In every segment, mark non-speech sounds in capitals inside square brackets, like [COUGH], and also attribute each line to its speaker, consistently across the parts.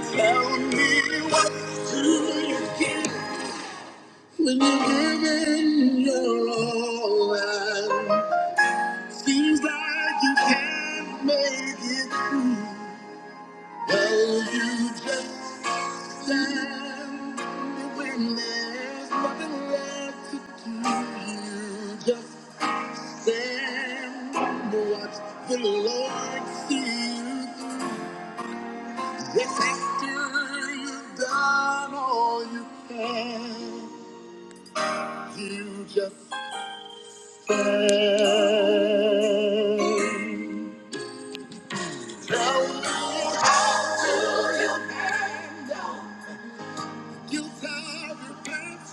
Speaker 1: Tell me what do you get when you give in your all and seems like you can't make it through. Well, you just. Stand. When there's nothing left to do, you just stand and watch the Lord see you through. Yes, after you've done all you can, you just stand. Tell me how you handle your pants.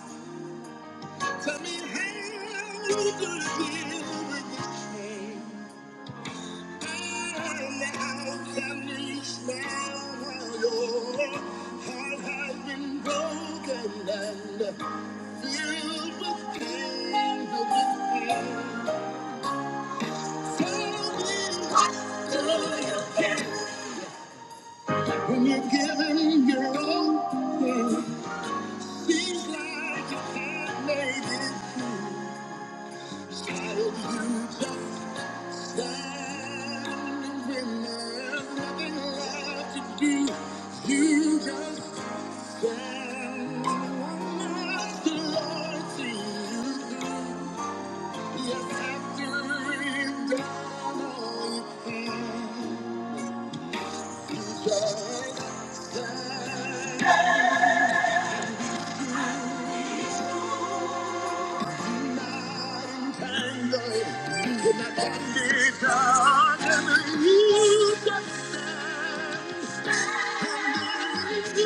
Speaker 1: Tell me how you gonna deal with this pain. I am now unleashed now. Your heart has been broken and filled with pain. with pain. Tell me how When you've given your all, seems like you can't make it through. Child, you just Time when there's nothing left to do, You Thank you. through. Yes, after you've done all you can, just stand. Not entangled in that endless dark, and you just stand. And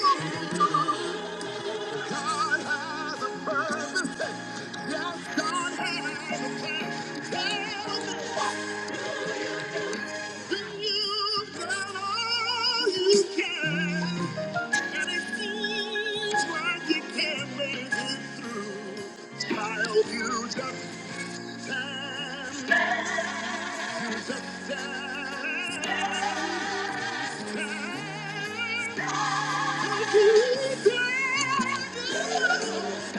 Speaker 1: you God has a purpose. Yes, God has a plan. Tell me, do you get all you can? And it seems like you can't make it through. Child, you just stand, stand, stand.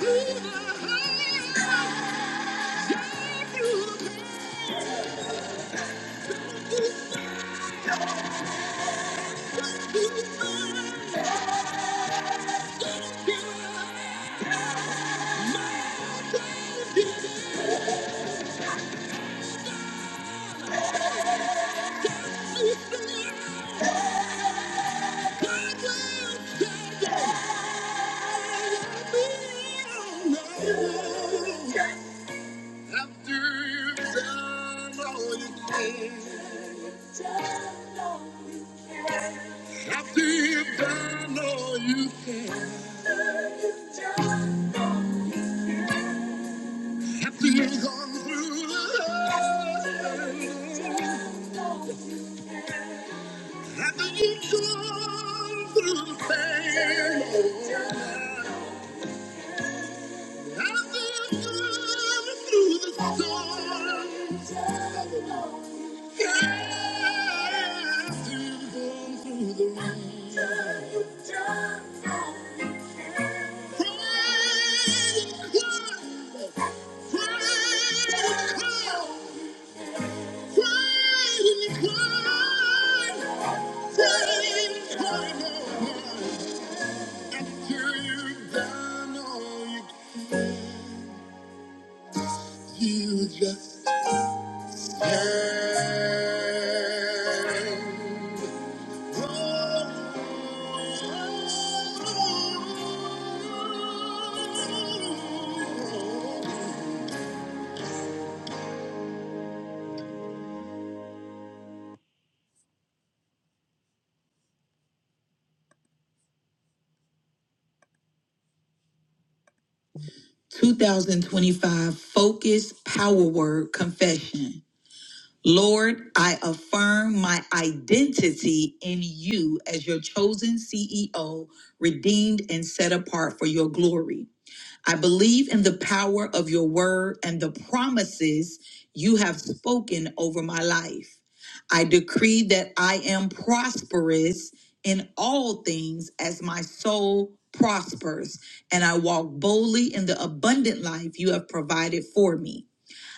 Speaker 1: After you've done all you can. After you've done all you can, after you've gone through the hell, after you've gone through the pain, you just 2025 Focus Power Word Confession. Lord, I affirm my identity in you as your chosen CEO, redeemed and set apart for your glory. I believe in the power of your word and the promises you have spoken over my life. I decree that I am prosperous in all things as my soul prospers, and I walk boldly in the abundant life you have provided for me.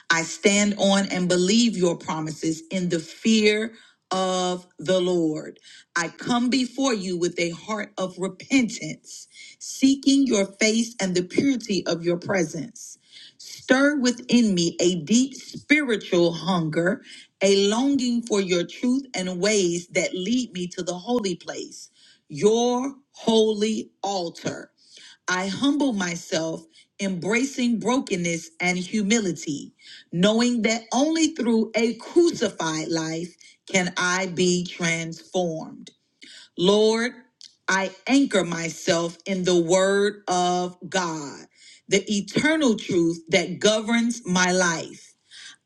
Speaker 1: I stand on and believe your promises in the fear of the Lord. I come before you with a heart of repentance, seeking your face and the purity of your presence. Stir within me a deep spiritual hunger, a longing for your truth and ways that lead me to the holy place, your holy altar. I humble myself, embracing brokenness and humility knowing that only through a crucified life can I be transformed. Lord, I anchor myself in the word of God, the eternal truth that governs my life.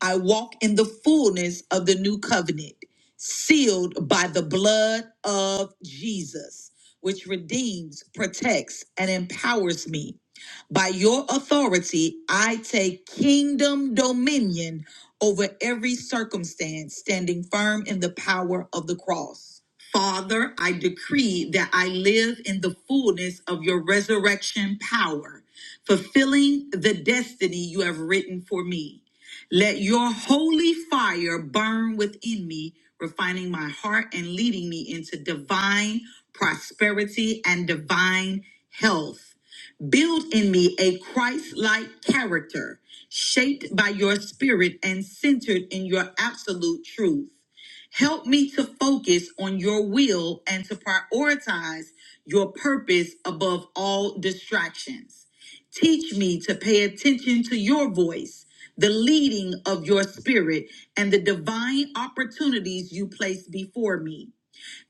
Speaker 1: I walk in the fullness of the new covenant, sealed by the blood of Jesus, which redeems, protects, and empowers me. By your authority, I take kingdom dominion over every circumstance, standing firm in the power of the cross. Father, I decree that I live in the fullness of your resurrection power, fulfilling the destiny you have written for me. Let your holy fire burn within me, refining my heart and leading me into divine prosperity and divine health. Build in me a Christ like character, shaped by your spirit and centered in your absolute truth. Help me to focus on your will and to prioritize your purpose above all distractions. Teach me to pay attention to your voice, the leading of your spirit, and the divine opportunities you place before me.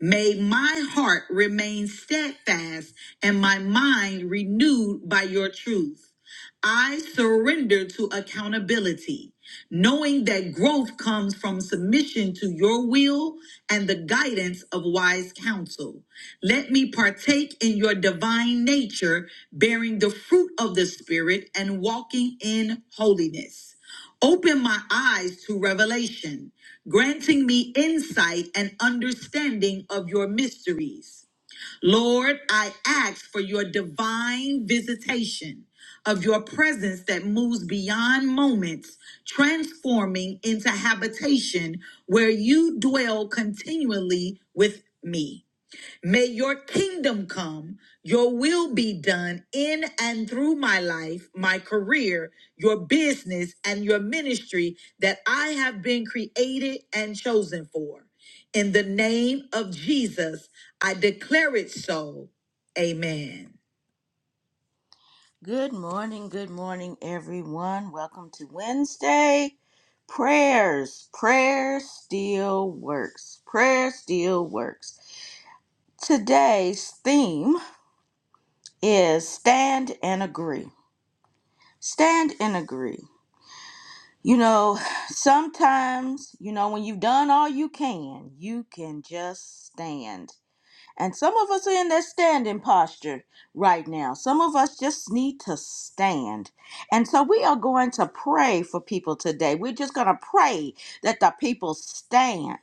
Speaker 1: May my heart remain steadfast and my mind renewed by your truth. I surrender to accountability, knowing that growth comes from submission to your will and the guidance of wise counsel. Let me partake in your divine nature, bearing the fruit of the Spirit and walking in holiness. Open my eyes to revelation, granting me insight and understanding of your mysteries. Lord, I ask for your divine visitation of your presence that moves beyond moments, transforming into habitation where you dwell continually with me. May your kingdom come, your will be done in and through my life, my career, your business, and your ministry that I have been created and chosen for. In the name of Jesus, I declare it so. Amen. Good morning, good morning, everyone. Welcome to Wednesday. Prayers, prayer still works. Prayer still works. Today's theme is stand and agree. Stand and agree. You know, sometimes, you know, when you've done all you can, you can just stand and some of us are in that standing posture right now. Some of us just need to stand. And so we are going to pray for people today. We're just going to pray that the people stand.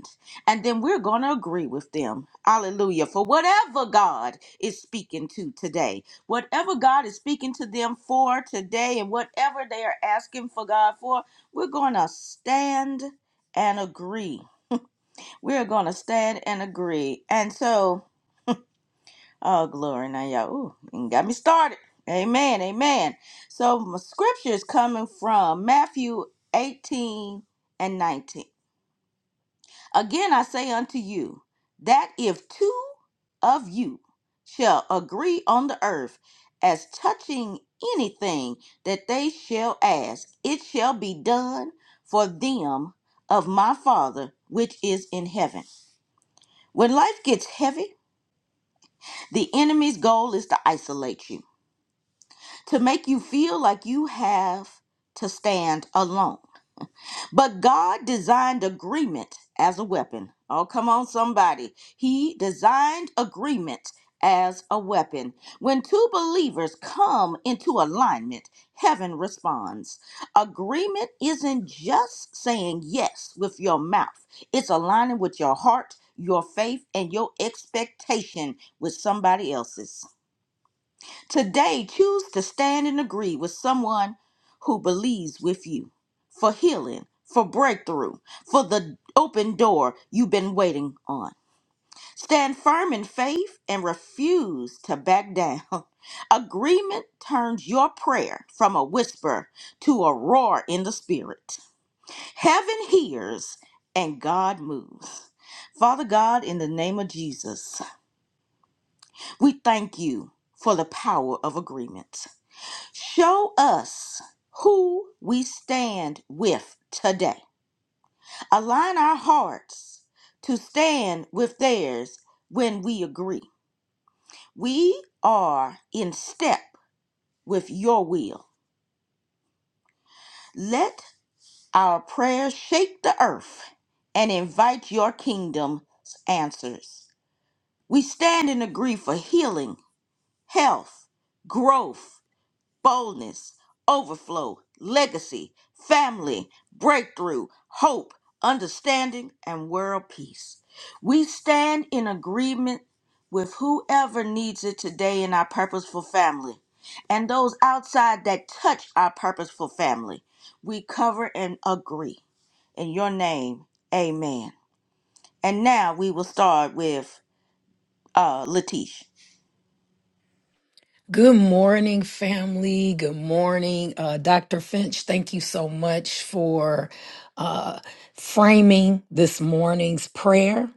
Speaker 1: And then we're going to agree with them. Hallelujah. For whatever God is speaking to today, whatever God is speaking to them for today, and whatever they are asking for God for, we're going to stand and agree. We're going to stand and agree. And so. Oh, glory now, y'all. Ooh, and got me started. Amen. Amen. So my scripture is coming from Matthew 18 and 19. Again I say unto you that if two of you shall agree on the earth as touching anything that they shall ask, it shall be done for them of my Father which is in heaven. When life gets heavy, the enemy's goal is to isolate you. to make you feel like you have to stand alone. But God designed agreement as a weapon. Oh, come on, somebody. He designed agreement as a weapon. When two believers come into alignment, heaven responds. Agreement isn't just saying yes with your mouth, it's aligning with your heart, your faith, and your expectation with somebody else's. Today, choose to stand and agree with someone who believes with you for healing, for breakthrough, for the open door you've been waiting on. Stand firm in faith and refuse to back down. [LAUGHS] Agreement turns your prayer from a whisper to a roar in the spirit. Heaven hears and God moves. Father God, in the name of Jesus, we thank you for the power of agreement. Show us who we stand with today. Align our hearts to stand with theirs when we agree. We are in step with your will. Let our prayers shake the earth and invite your kingdom's answers. We stand and agree for healing, health, growth, boldness, overflow, legacy, family, breakthrough, hope, understanding, and world peace. We stand in agreement with whoever needs it today in our purposeful family and those outside that touch our purposeful family. We cover and agree. In your name, amen. And now we will start with uh, Latish.
Speaker 2: Good morning, family. Good morning, uh, Dr. Finch. Thank you so much for uh, framing this morning's prayer.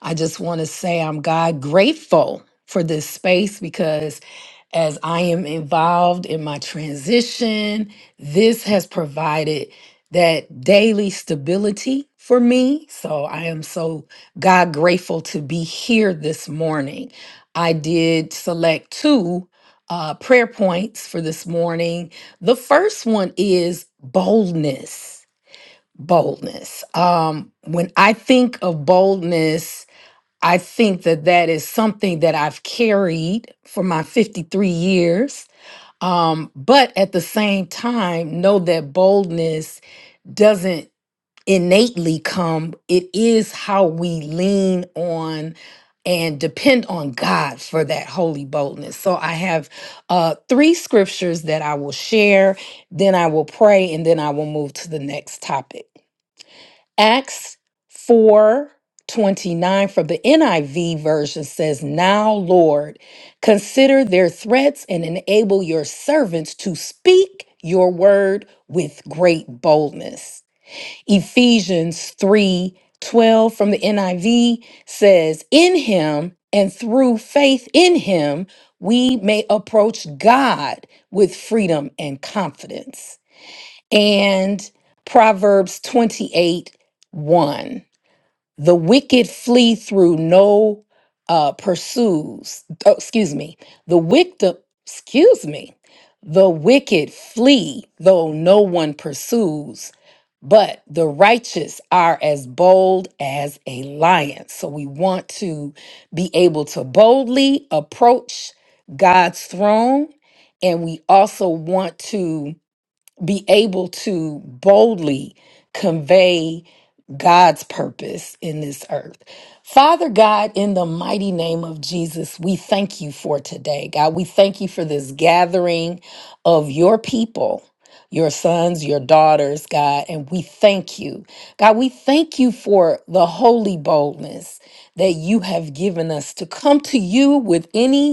Speaker 2: I just want to say I'm God grateful for this space because as I am involved in my transition, this has provided that daily stability for me. So I am so God grateful to be here this morning. I did select two uh, prayer points for this morning. The first one is boldness. Boldness. Um, when I think of boldness, I think that that is something that I've carried for my 53 years. Um, but at the same time, know that boldness doesn't innately come. It is how we lean on and depend on God for that holy boldness. So I have uh, three scriptures that I will share, then I will pray, and then I will move to the next topic. Acts 4 29 from the NIV version says, Now, Lord, consider their threats and enable your servants to speak your word with great boldness. Ephesians 3 12 from the NIV says, In him and through faith in him, we may approach God with freedom and confidence. And Proverbs 28 1. The wicked flee through no uh, pursues. Oh, excuse me. The wicked, excuse me. The wicked flee though no one pursues but the righteous are as bold as a lion. So we want to be able to boldly approach God's throne. And we also want to be able to boldly convey God's purpose in this earth. Father God, in the mighty name of Jesus, we thank you for today. God, we thank you for this gathering of your people. Your sons, your daughters, God, and we thank you. God, we thank you for the holy boldness that you have given us to come to you with any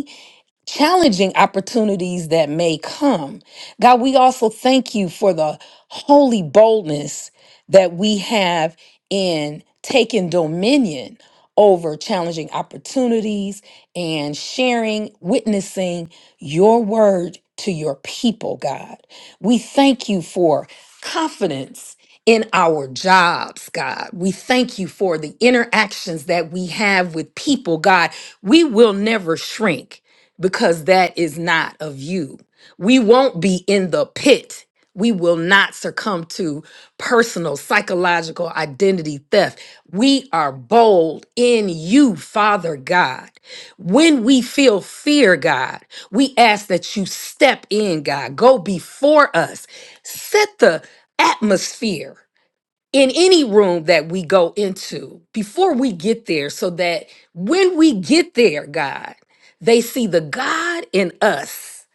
Speaker 2: challenging opportunities that may come. God, we also thank you for the holy boldness that we have in taking dominion over challenging opportunities and sharing, witnessing your word to your people, God. We thank you for confidence. In our jobs, God. We thank you for the interactions that we have with people, God. We will never shrink because that is not of you. We won't be in the pit. We will not succumb to personal, psychological identity theft. We are bold in you, Father God. When we feel fear, God, we ask that you step in, God. Go before us. Set the atmosphere in any room that we go into before we get there so that when we get there, God, they see the God in us.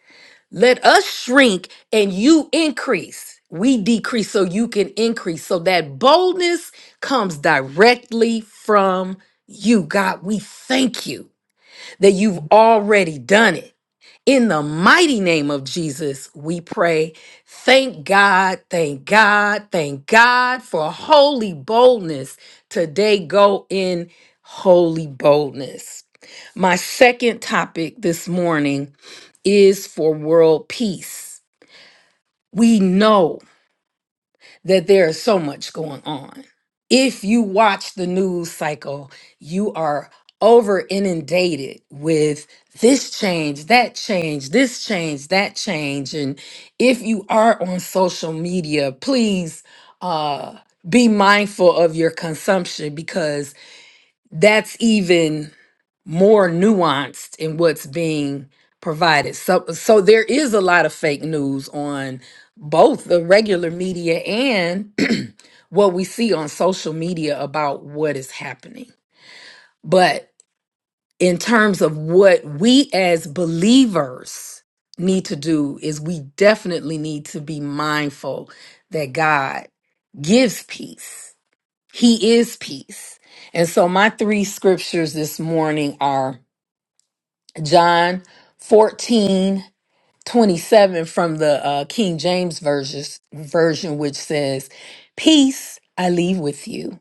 Speaker 2: Let us shrink and you increase. We decrease so you can increase. So that boldness comes directly from you. God, we thank you that you've already done it. In the mighty name of Jesus, we pray. Thank God, thank God, thank God for holy boldness. Today, go in holy boldness. My second topic this morning is for world peace. We know that there is so much going on. If you watch the news cycle, you are over inundated with this change, that change, this change, that change. And if you are on social media, please uh, be mindful of your consumption because that's even more nuanced in what's being provided. So so there is a lot of fake news on both the regular media and [CLEARS THROAT] what we see on social media about what is happening. But in terms of what we as believers need to do is we definitely need to be mindful that God gives peace. He is peace. And so my three scriptures this morning are John 14 27 from the uh, King James version, version, which says, Peace I leave with you,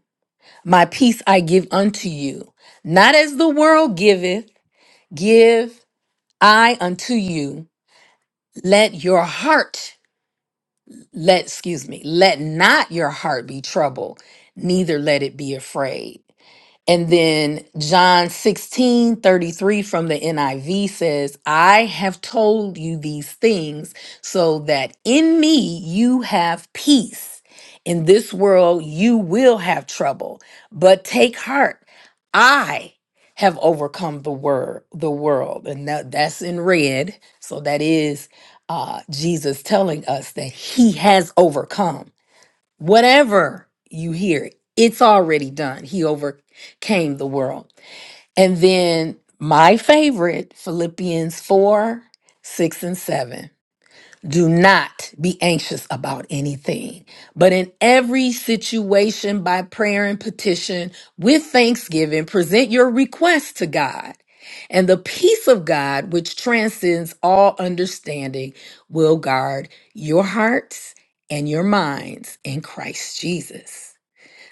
Speaker 2: my peace I give unto you. Not as the world giveth, give I unto you. Let your heart, let, excuse me, let not your heart be troubled, neither let it be afraid. And then John 16 33 from the NIV says, I have told you these things so that in me you have peace. In this world you will have trouble, but take heart. I have overcome the word, the world. And that, that's in red. So that is uh, Jesus telling us that he has overcome whatever you hear, it's already done. He overcame the world. And then my favorite, Philippians 4 6 and 7. Do not be anxious about anything, but in every situation, by prayer and petition, with thanksgiving, present your requests to God. And the peace of God, which transcends all understanding, will guard your hearts and your minds in Christ Jesus.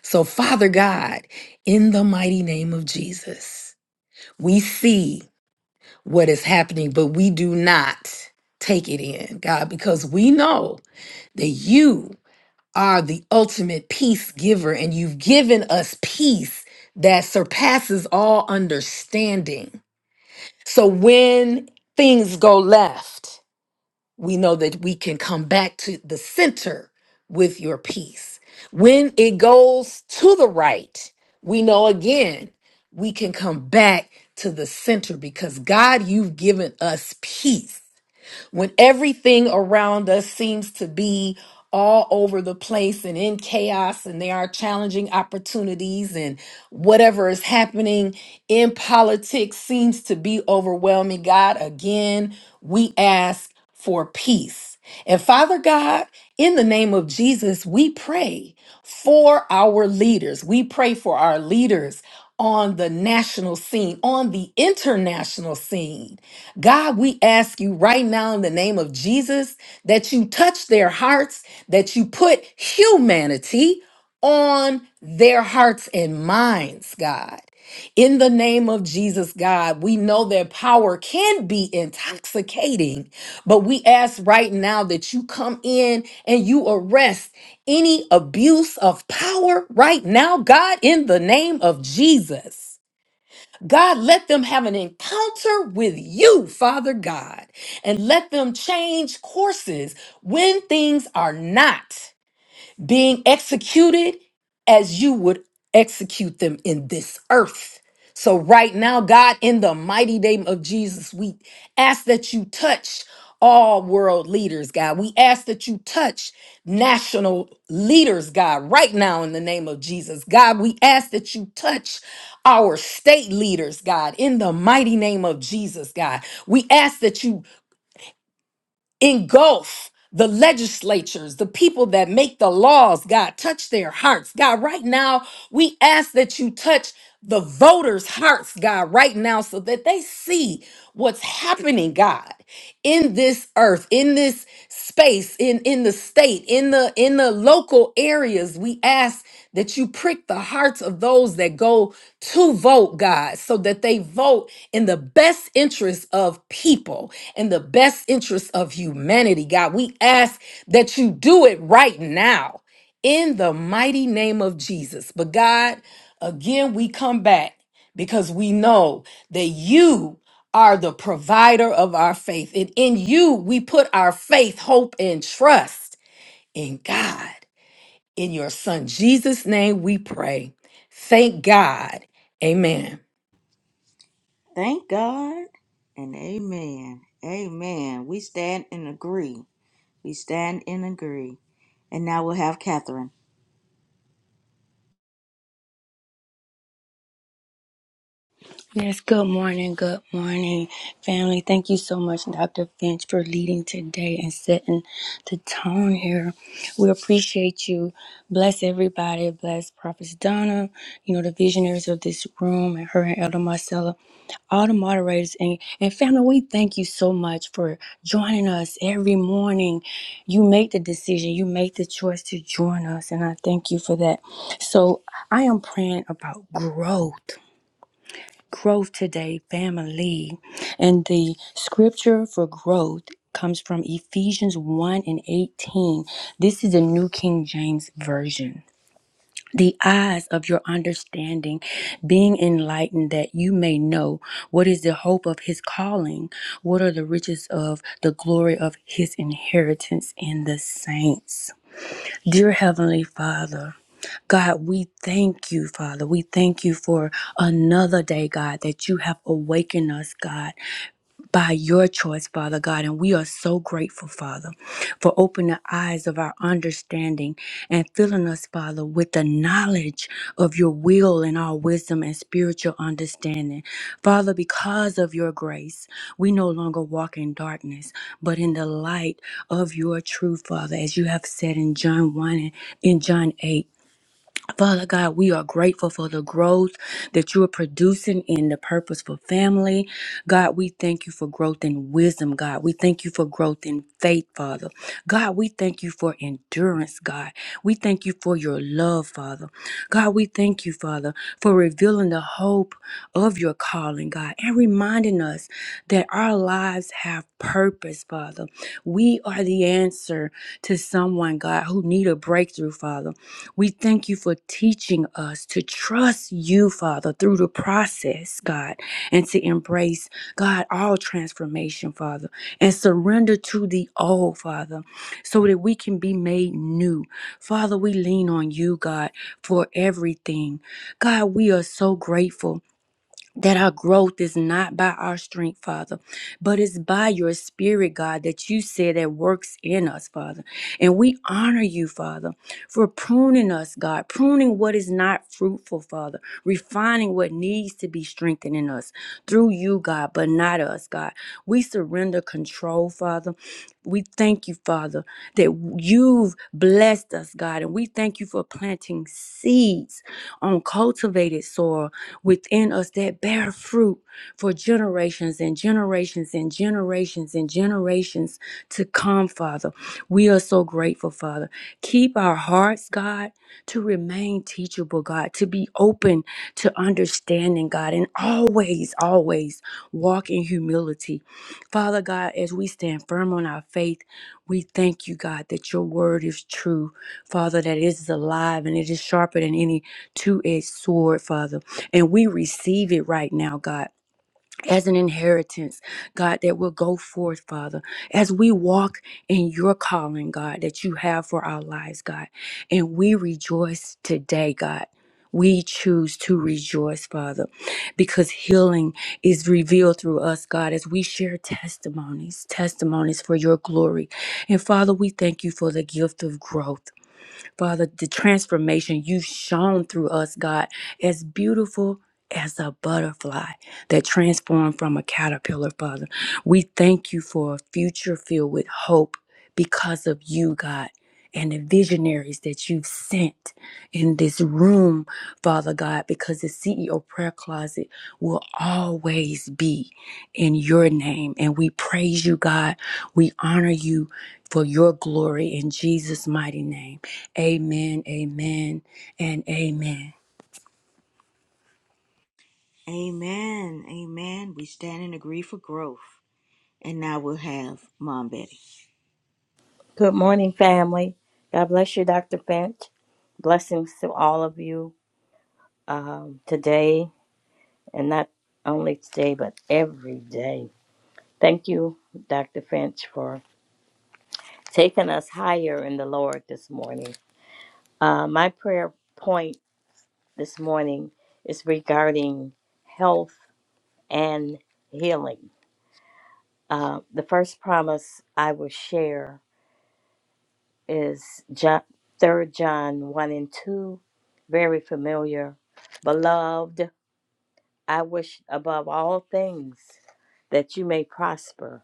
Speaker 2: So, Father God, in the mighty name of Jesus, we see what is happening, but we do not take it in, God, because we know that you are the ultimate peace giver and you've given us peace that surpasses all understanding. So when things go left, we know that we can come back to the center with your peace. When it goes to the right, we know again we can come back to the center because God, you've given us peace when everything around us seems to be all over the place and in chaos, and there are challenging opportunities, and whatever is happening in politics seems to be overwhelming. God, again, we ask for peace. And Father God, in the name of Jesus, we pray for our leaders. We pray for our leaders on the national scene, on the international scene. God, we ask you right now in the name of Jesus that you touch their hearts, that you put humanity on their hearts and minds, God. In the name of Jesus, God, we know that power can be intoxicating, but we ask right now that you come in and you arrest any abuse of power right now, God, in the name of Jesus. God, let them have an encounter with you, Father God, and let them change courses when things are not being executed as you would execute them in this earth. So, right now, God, in the mighty name of Jesus, we ask that you touch all world leaders, God. We ask that you touch national leaders, God, right now, in the name of Jesus. God, we ask that you touch our state leaders, God, in the mighty name of Jesus, God. We ask that you engulf the legislatures, the people that make the laws, God, touch their hearts. God, right now, we ask that you touch the voters' hearts, God, right now, so that they see what's happening, God in this earth in this space in in the state in the in the local areas we ask that you prick the hearts of those that go to vote god so that they vote in the best interest of people and the best interest of humanity god we ask that you do it right now in the mighty name of jesus but god again we come back because we know that you are the provider of our faith. And in you, we put our faith, hope, and trust in God. In your son Jesus' name, we pray. Thank God. Amen.
Speaker 1: Thank God and amen. Amen. We stand and agree. We stand and agree. And now we'll have Catherine.
Speaker 3: Yes, good morning, good morning, family. Thank you so much, Dr. Finch, for leading today and setting the tone here. We appreciate you. Bless everybody. Bless Prophet Donna, you know, the visionaries of this room, and her and Elder Marcella, all the moderators. And, and family, we thank you so much for joining us every morning. You make the decision, you make the choice to join us, and I thank you for that. So I am praying about growth growth today, family. And the scripture for growth comes from Ephesians 1 and 18. This is the New King James Version. The eyes of your understanding being enlightened, that you may know what is the hope of his calling, what are the riches of the glory of his inheritance in the saints. Dear Heavenly Father, God, we thank you, Father. We thank you for another day, God, that you have awakened us, God by your choice, Father God. And we are so grateful, Father, for opening the eyes of our understanding and filling us, Father, with the knowledge of your will and our wisdom and spiritual understanding. Father, because of your grace, we no longer walk in darkness, but in the light of your truth, Father, as you have said in John 1 and in John 8. Father God, we are grateful for the growth that you are producing in the purposeful family. God, we thank you for growth in wisdom, God. We thank you for growth in faith, Father. God, we thank you for endurance, God. We thank you for your love, Father. God, we thank you, Father, for revealing the hope of your calling, God, and reminding us that our lives have purpose, Father. We are the answer to someone, God, who need a breakthrough, Father. We thank you for teaching us to trust you, Father, through the process, God, and to embrace, God, all transformation, Father, and surrender to the old, Father, so that we can be made new. Father, we lean on you, God, for everything. God, we are so grateful that our growth is not by our strength, Father, but it's by your spirit, God, that you said that works in us, Father. And we honor you, Father, for pruning us, God, pruning what is not fruitful, Father, refining what needs to be strengthened in us through you, God, but not us, God. We surrender control, Father. We thank you, Father, that you've blessed us, God, and we thank you for planting seeds on cultivated soil within us that bear fruit for generations and generations and generations and generations to come, Father. We are so grateful, Father. Keep our hearts, God, to remain teachable, God, to be open to understanding, God, and always, always walk in humility. Father God, as we stand firm on our faith, we thank you, God, that your word is true, Father, that it is alive and it is sharper than any two edged sword, Father. And we receive it right now, God, as an inheritance, God, that will go forth, Father, as we walk in your calling, God, that you have for our lives, God. And we rejoice today, God. We choose to rejoice, Father, because healing is revealed through us, God, as we share testimonies, testimonies for your glory. And Father, we thank you for the gift of growth. Father, the transformation you've shown through us, God, as beautiful as a butterfly that transformed from a caterpillar, Father. We thank you for a future filled with hope because of you, God. And the visionaries that you've sent in this room, Father God, because the CEO prayer closet will always be in your name. And we praise you, God. We honor you for your glory in Jesus' mighty name. Amen, amen, and amen.
Speaker 1: Amen. Amen. We stand and agree for growth. And now we'll have Mom Betty.
Speaker 4: Good morning, family. God bless you, Dr. Finch. Blessings to all of you um, today, and not only today, but every day. Thank you, Dr. Finch, for taking us higher in the Lord this morning. Uh, my prayer point this morning is regarding health and healing. Uh, the first promise I will share is John, Third John 1 and 2, very familiar. Beloved, I wish above all things that you may prosper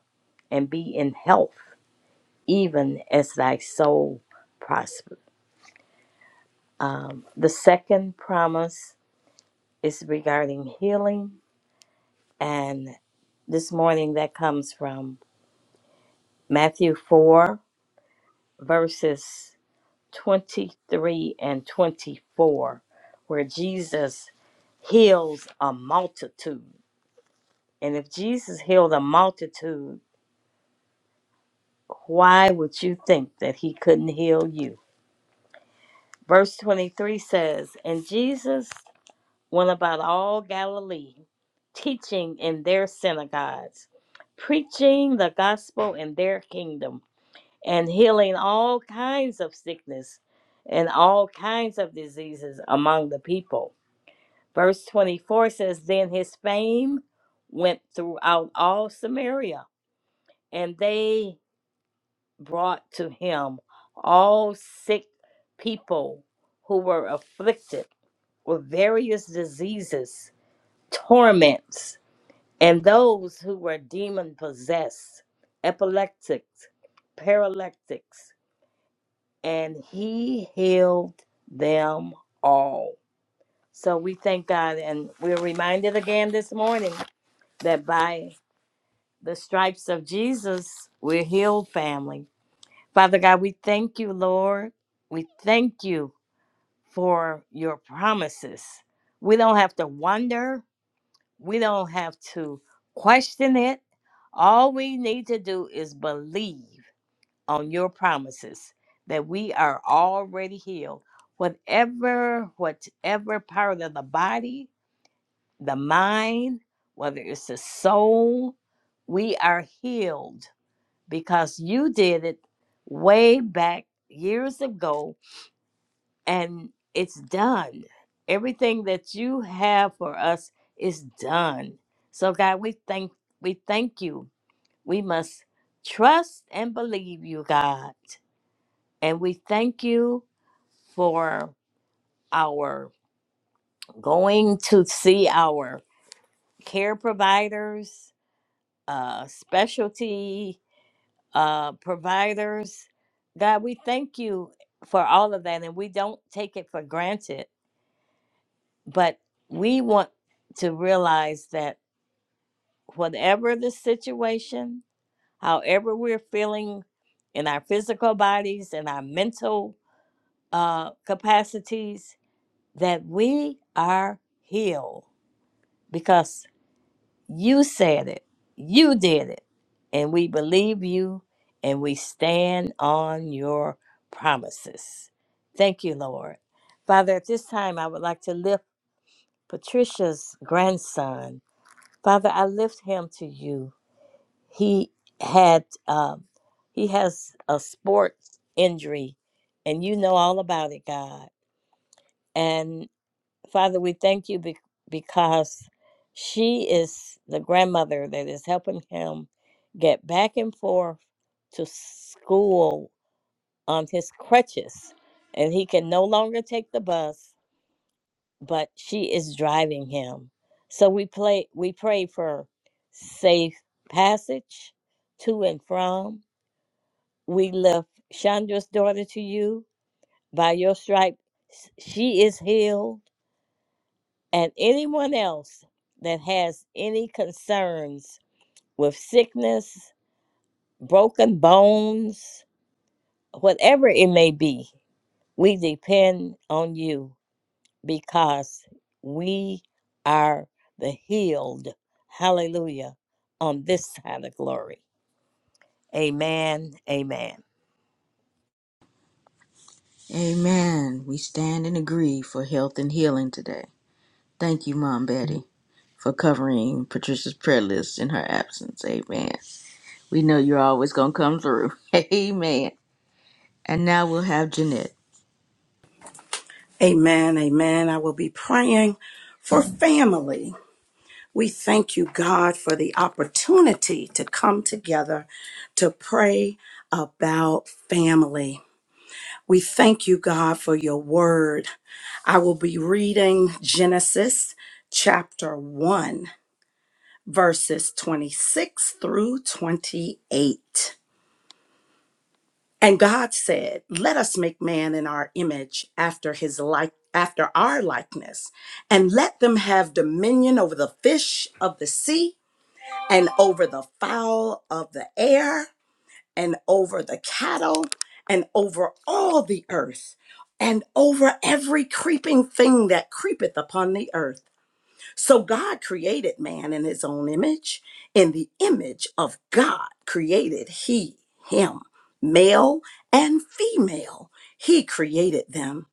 Speaker 4: and be in health, even as thy soul prosper. Um, the second promise is regarding healing, and this morning that comes from Matthew 4, verses 23 and 24, where Jesus heals a multitude. And if Jesus healed a multitude, why would you think that he couldn't heal you? Verse 23 says, And Jesus went about all Galilee, teaching in their synagogues, preaching the gospel in their kingdom, and healing all kinds of sickness and all kinds of diseases among the people. Verse 24 says, Then his fame went throughout all Samaria, and they brought to him all sick people who were afflicted with various diseases, torments, and those who were demon possessed, epileptics, paralytics, and he healed them all. So we thank God, and we're reminded again this morning that by the stripes of Jesus, we're healed, family. Father God, we thank you, Lord. We thank you for your promises. We don't have to wonder, we don't have to question it. All we need to do is believe on your promises that we are already healed. Whatever, whatever part of the body the mind, whether it's the soul, we are healed because you did it way back years ago and it's done. Everything that you have for us is done. So God, we thank we thank you. We must trust and believe you, God. And we thank you for our going to see our care providers uh, specialty uh, providers. God, we thank you for all of that, and we don't take it for granted. But we want to realize that whatever the situation, however we're feeling in our physical bodies and our mental uh, capacities, that we are healed because. You said it. You did it. And we believe you and we stand on your promises. Thank you, Lord. Father, at this time, I would like to lift Patricia's grandson. Father, I lift him to you. He had, um, he has a sports injury, and you know all about it, God. Father, we thank you be- because she is the grandmother that is helping him get back and forth to school on his crutches. And he can no longer take the bus, but she is driving him. So we play we pray for safe passage to and from. We lift Chandra's daughter to you by your stripe. She is healed and anyone else that has any concerns with sickness, broken bones, whatever it may be, we depend on you because we are the healed. Hallelujah. On this side of glory. Amen. Amen.
Speaker 1: Amen. We stand and agree for health and healing today. Thank you, Mom Betty, for covering Patricia's prayer list in her absence. Amen. We know you're always going to come through. [LAUGHS] Amen. And now we'll have Jeanette.
Speaker 5: Amen. Amen. I will be praying for family. We thank you, God, for the opportunity to come together to pray about family. We thank you, God, for your word. I will be reading Genesis chapter 1, verses 26 through 28. And God said, Let us make man in our image after his like after our likeness, and let them have dominion over the fish of the sea, and over the fowl of the air, and over the cattle, and over all the earth, and over every creeping thing that creepeth upon the earth. So God created man in his own image. In the image of God created he him, male and female. He created them.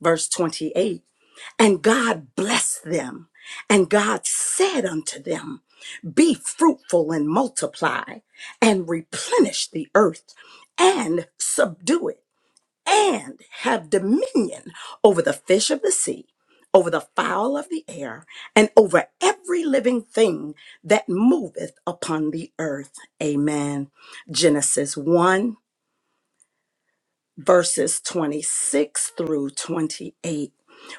Speaker 5: Verse 28 And God blessed them, and God said unto them, Be fruitful and multiply, and replenish the earth, and subdue it and have dominion over the fish of the sea, over the fowl of the air, and over every living thing that moveth upon the earth. Amen. Genesis 1 verses 26 through 28.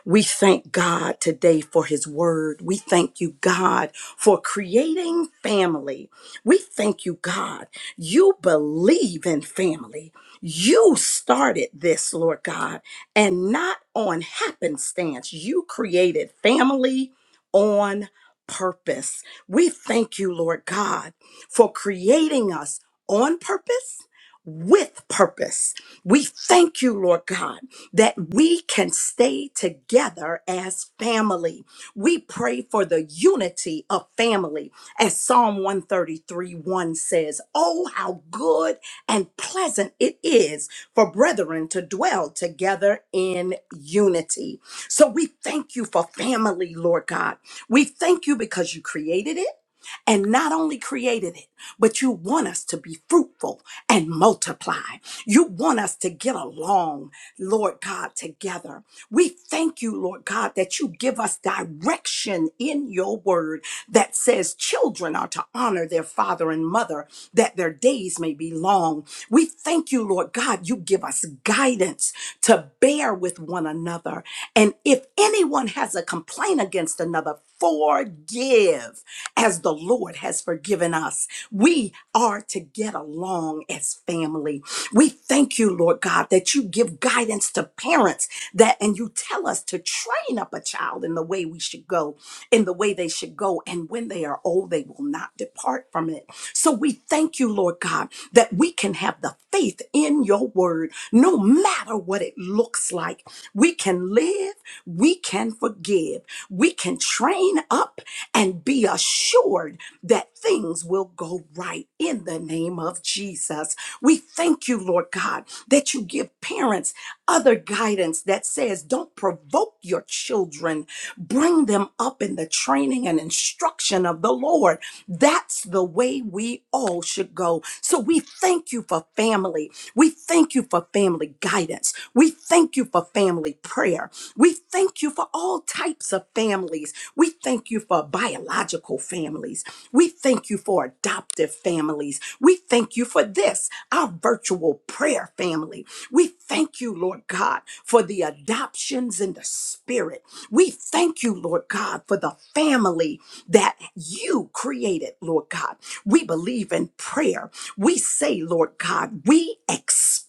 Speaker 5: We thank God today for his word. We thank you, God, for creating family. We thank you, God. You believe in family. You started this, Lord God, and not on happenstance. You created family on purpose. We thank you, Lord God, for creating us on purpose with purpose we thank you, Lord God, that we can stay together as family. We pray for the unity of family, as Psalm 133 1 says, Oh, how good and pleasant it is for brethren to dwell together in unity. So we thank you for family, Lord God. We thank you because you created it and not only created it but you want us to be fruitful and multiply. You want us to get along, Lord God, together. We thank you, Lord God, that you give us direction in your word that says children are to honor their father and mother, that their days may be long. We thank you, Lord God, you give us guidance to bear with one another. And if anyone has a complaint against another, forgive as the Lord has forgiven us. We are to get along as family. We thank you, Lord God, that you give guidance to parents that and you tell us to train up a child in the way we should go, in the way they should go. And when they are older oh, they will not depart from it. So we thank you, Lord God, that we can have the faith in your word, no matter what it looks like. We can live, we can forgive, we can train up and be assured that things will go right in the name of Jesus. We thank you, Lord God, that you give parents other guidance that says, don't provoke your children Bring them up in the training and instruction of the Lord. That's the way we all should go. So we thank you for family. We thank you for family guidance. We thank you for family prayer. We thank you for all types of families. We thank you for biological families. We thank you for adoptive families. We thank you thank you for this, our virtual prayer family. We thank you, Lord God, for the adoptions in the spirit. We thank you, Lord God, for the family that you created, Lord God. We believe in prayer. We say, Lord God, we expect.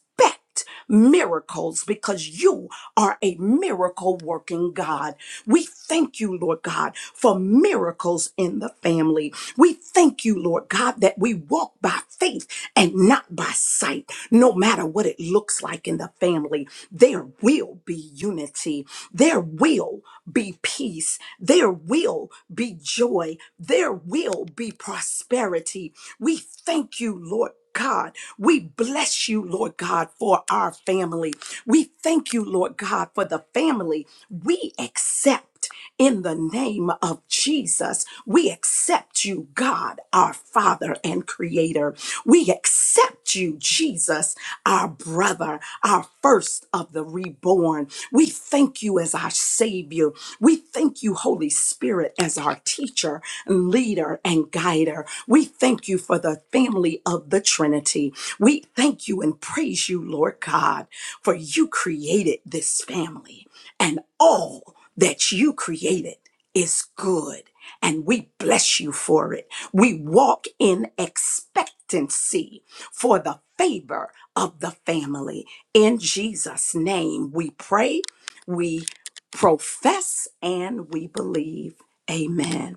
Speaker 5: Miracles because you are a miracle working God. We thank you, Lord God, for miracles in the family. We thank you, Lord God, that we walk by faith and not by sight, no matter what it looks like in the family. There will be unity. There will be peace. There will be joy. There will be prosperity. We thank you, Lord. God, we bless you, Lord God, for our family. We thank you, Lord God, for the family we accept. In the name of Jesus, we accept you, God, our Father and Creator. We accept you, Jesus, our brother, our first of the reborn. We thank you as our Savior. We thank you, Holy Spirit, as our teacher, leader, and guider. We thank you for the family of the Trinity. We thank you and praise you, Lord God, for you created this family and all that you created is good. And we bless you for it. We walk in expectancy for the favor of the family. In Jesus' name, we pray, we profess, and we believe. Amen.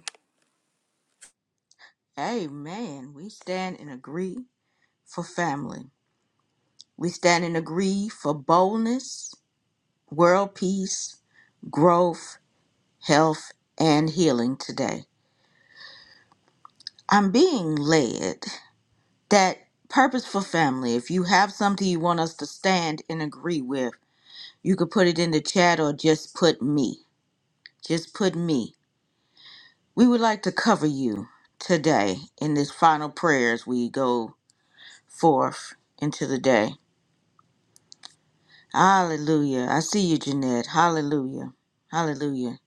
Speaker 1: Amen. We stand and agree for family. We stand and agree for boldness, world peace, growth, health, and healing today. I'm being led that purpose for family, if you have something you want us to stand and agree with, you could put it in the chat or just put me. Just put me. We would like to cover you today in this final prayer as we go forth into the day. Hallelujah. I see you, Jeanette. Hallelujah. Hallelujah.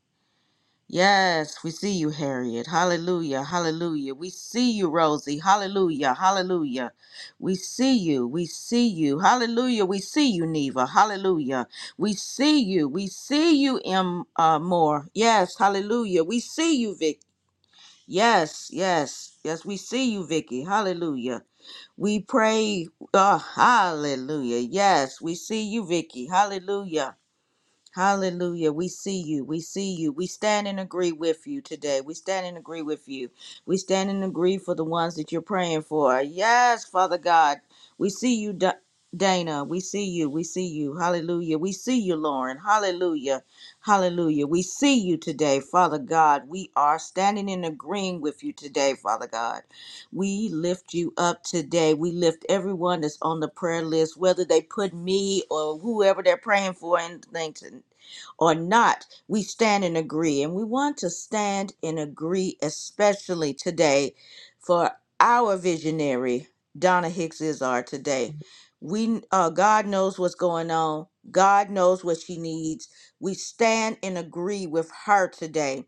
Speaker 1: Yes, we see you, Harriet. Hallelujah. Hallelujah. We see you, Rosie. Hallelujah. Hallelujah. We see you. We see you. Hallelujah. We see you, Neva. Hallelujah. We see you. We see you, M. Uh, Moore. Yes. Hallelujah. We see you, Vic. Yes. Yes. Yes. We see you, Vicky. Hallelujah. We pray. Uh, hallelujah. Yes. We see you, Vicky. Hallelujah. Hallelujah. We see you. We see you. We stand and agree with you today. We stand and agree with you. We stand and agree for the ones that you're praying for. Yes, Father God. We see you, Da- Dana. We see you. We see you. Hallelujah. We see you, Lauren. Hallelujah. Hallelujah. We see you today, Father God. We are standing and agreeing with you today, Father God. We lift you up today. We lift everyone that's on the prayer list, whether they put me or whoever they're praying for in anything or not, we stand and agree. And we want to stand and agree, especially today, for our visionary, Donna Hicks is our today. We uh, God knows what's going on. God knows what she needs. We stand and agree with her today.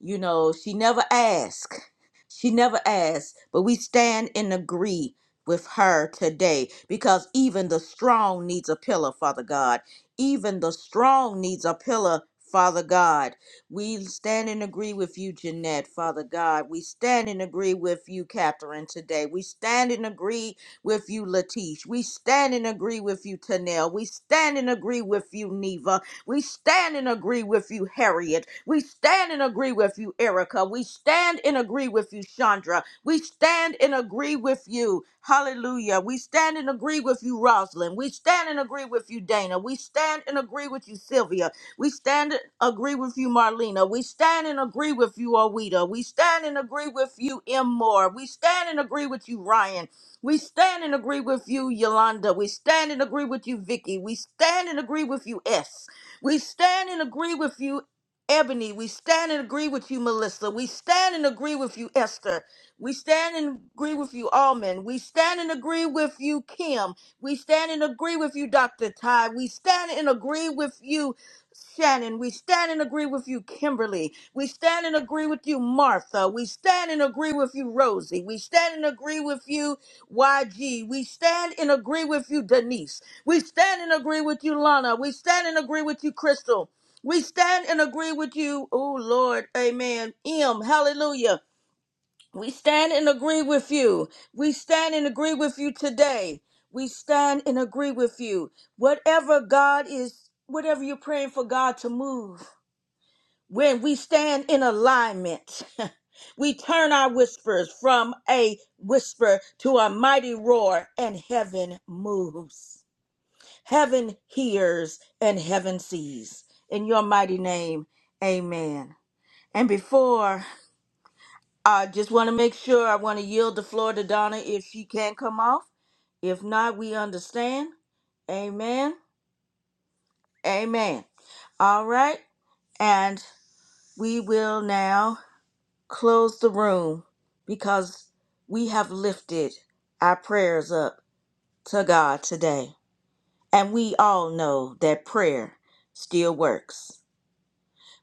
Speaker 1: You know, she never asked. She never asked, but we stand and agree with her today because even the strong needs a pillar, Father God. Even the strong needs a pillar, Father God. We stand and agree with you, Jeanette, Father God. We stand and agree with you, Catherine, today. We stand and agree with you, Latish. We stand and agree with you, Tanel. We stand and agree with you, Neva. We stand and agree with you, Harriet. We stand and agree with you, Erica. We stand and agree with you, Chandra. We stand and agree with you. Hallelujah. We stand and agree with you, Rosalind. We stand and agree with you, Dana. We stand and agree with you, Sylvia. We stand and agree with you, Marlena. We stand and agree with you, Awita. We stand and agree with you, M. Moore. We stand and agree with you, Ryan. We stand and agree with you, Yolanda. We stand and agree with you, Vicky. We stand and agree with you, S. We stand and agree with you, Ebony. We stand and agree with you, Melissa. We stand and agree with you, Esther. We stand and agree with you, Almond. We stand and agree with you, Kim. We stand and agree with you, Dr. Ty. We stand and agree with you, Shannon. We stand and agree with you, Kimberly. We stand and agree with you, Martha. We stand and agree with you, Rosie. We stand and agree with you. YG. We stand and agree with you, Denise. We stand and agree with you, Lana. We stand and agree with you, Crystal. We stand and agree with you, oh Lord, amen. M, hallelujah. We stand and agree with you. We stand and agree with you today. We stand and agree with you. Whatever God is, whatever you're praying for God to move, when we stand in alignment, [LAUGHS] we turn our whispers from a whisper to a mighty roar, and heaven moves. Heaven hears and heaven sees. In your mighty name, amen. And before, I just want to make sure I want to yield the floor to Donna if she can come off. If not, we understand. Amen. Amen. All right. And we will now. close the room because we have lifted our prayers up to God today. And we all know that prayer still works.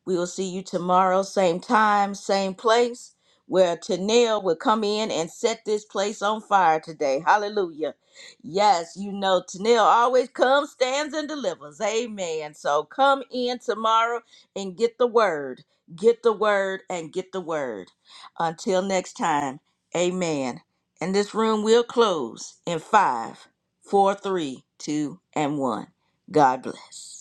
Speaker 1: We will see you tomorrow, same time, same place, where Tennille will come in and set this place on fire today. Hallelujah. Yes, you know, Tennille always comes, stands, and delivers. Amen. So come in tomorrow and get the word. Get the word and get the word. Until next time, amen. And this room will close in five, four, three, two, and one. God bless.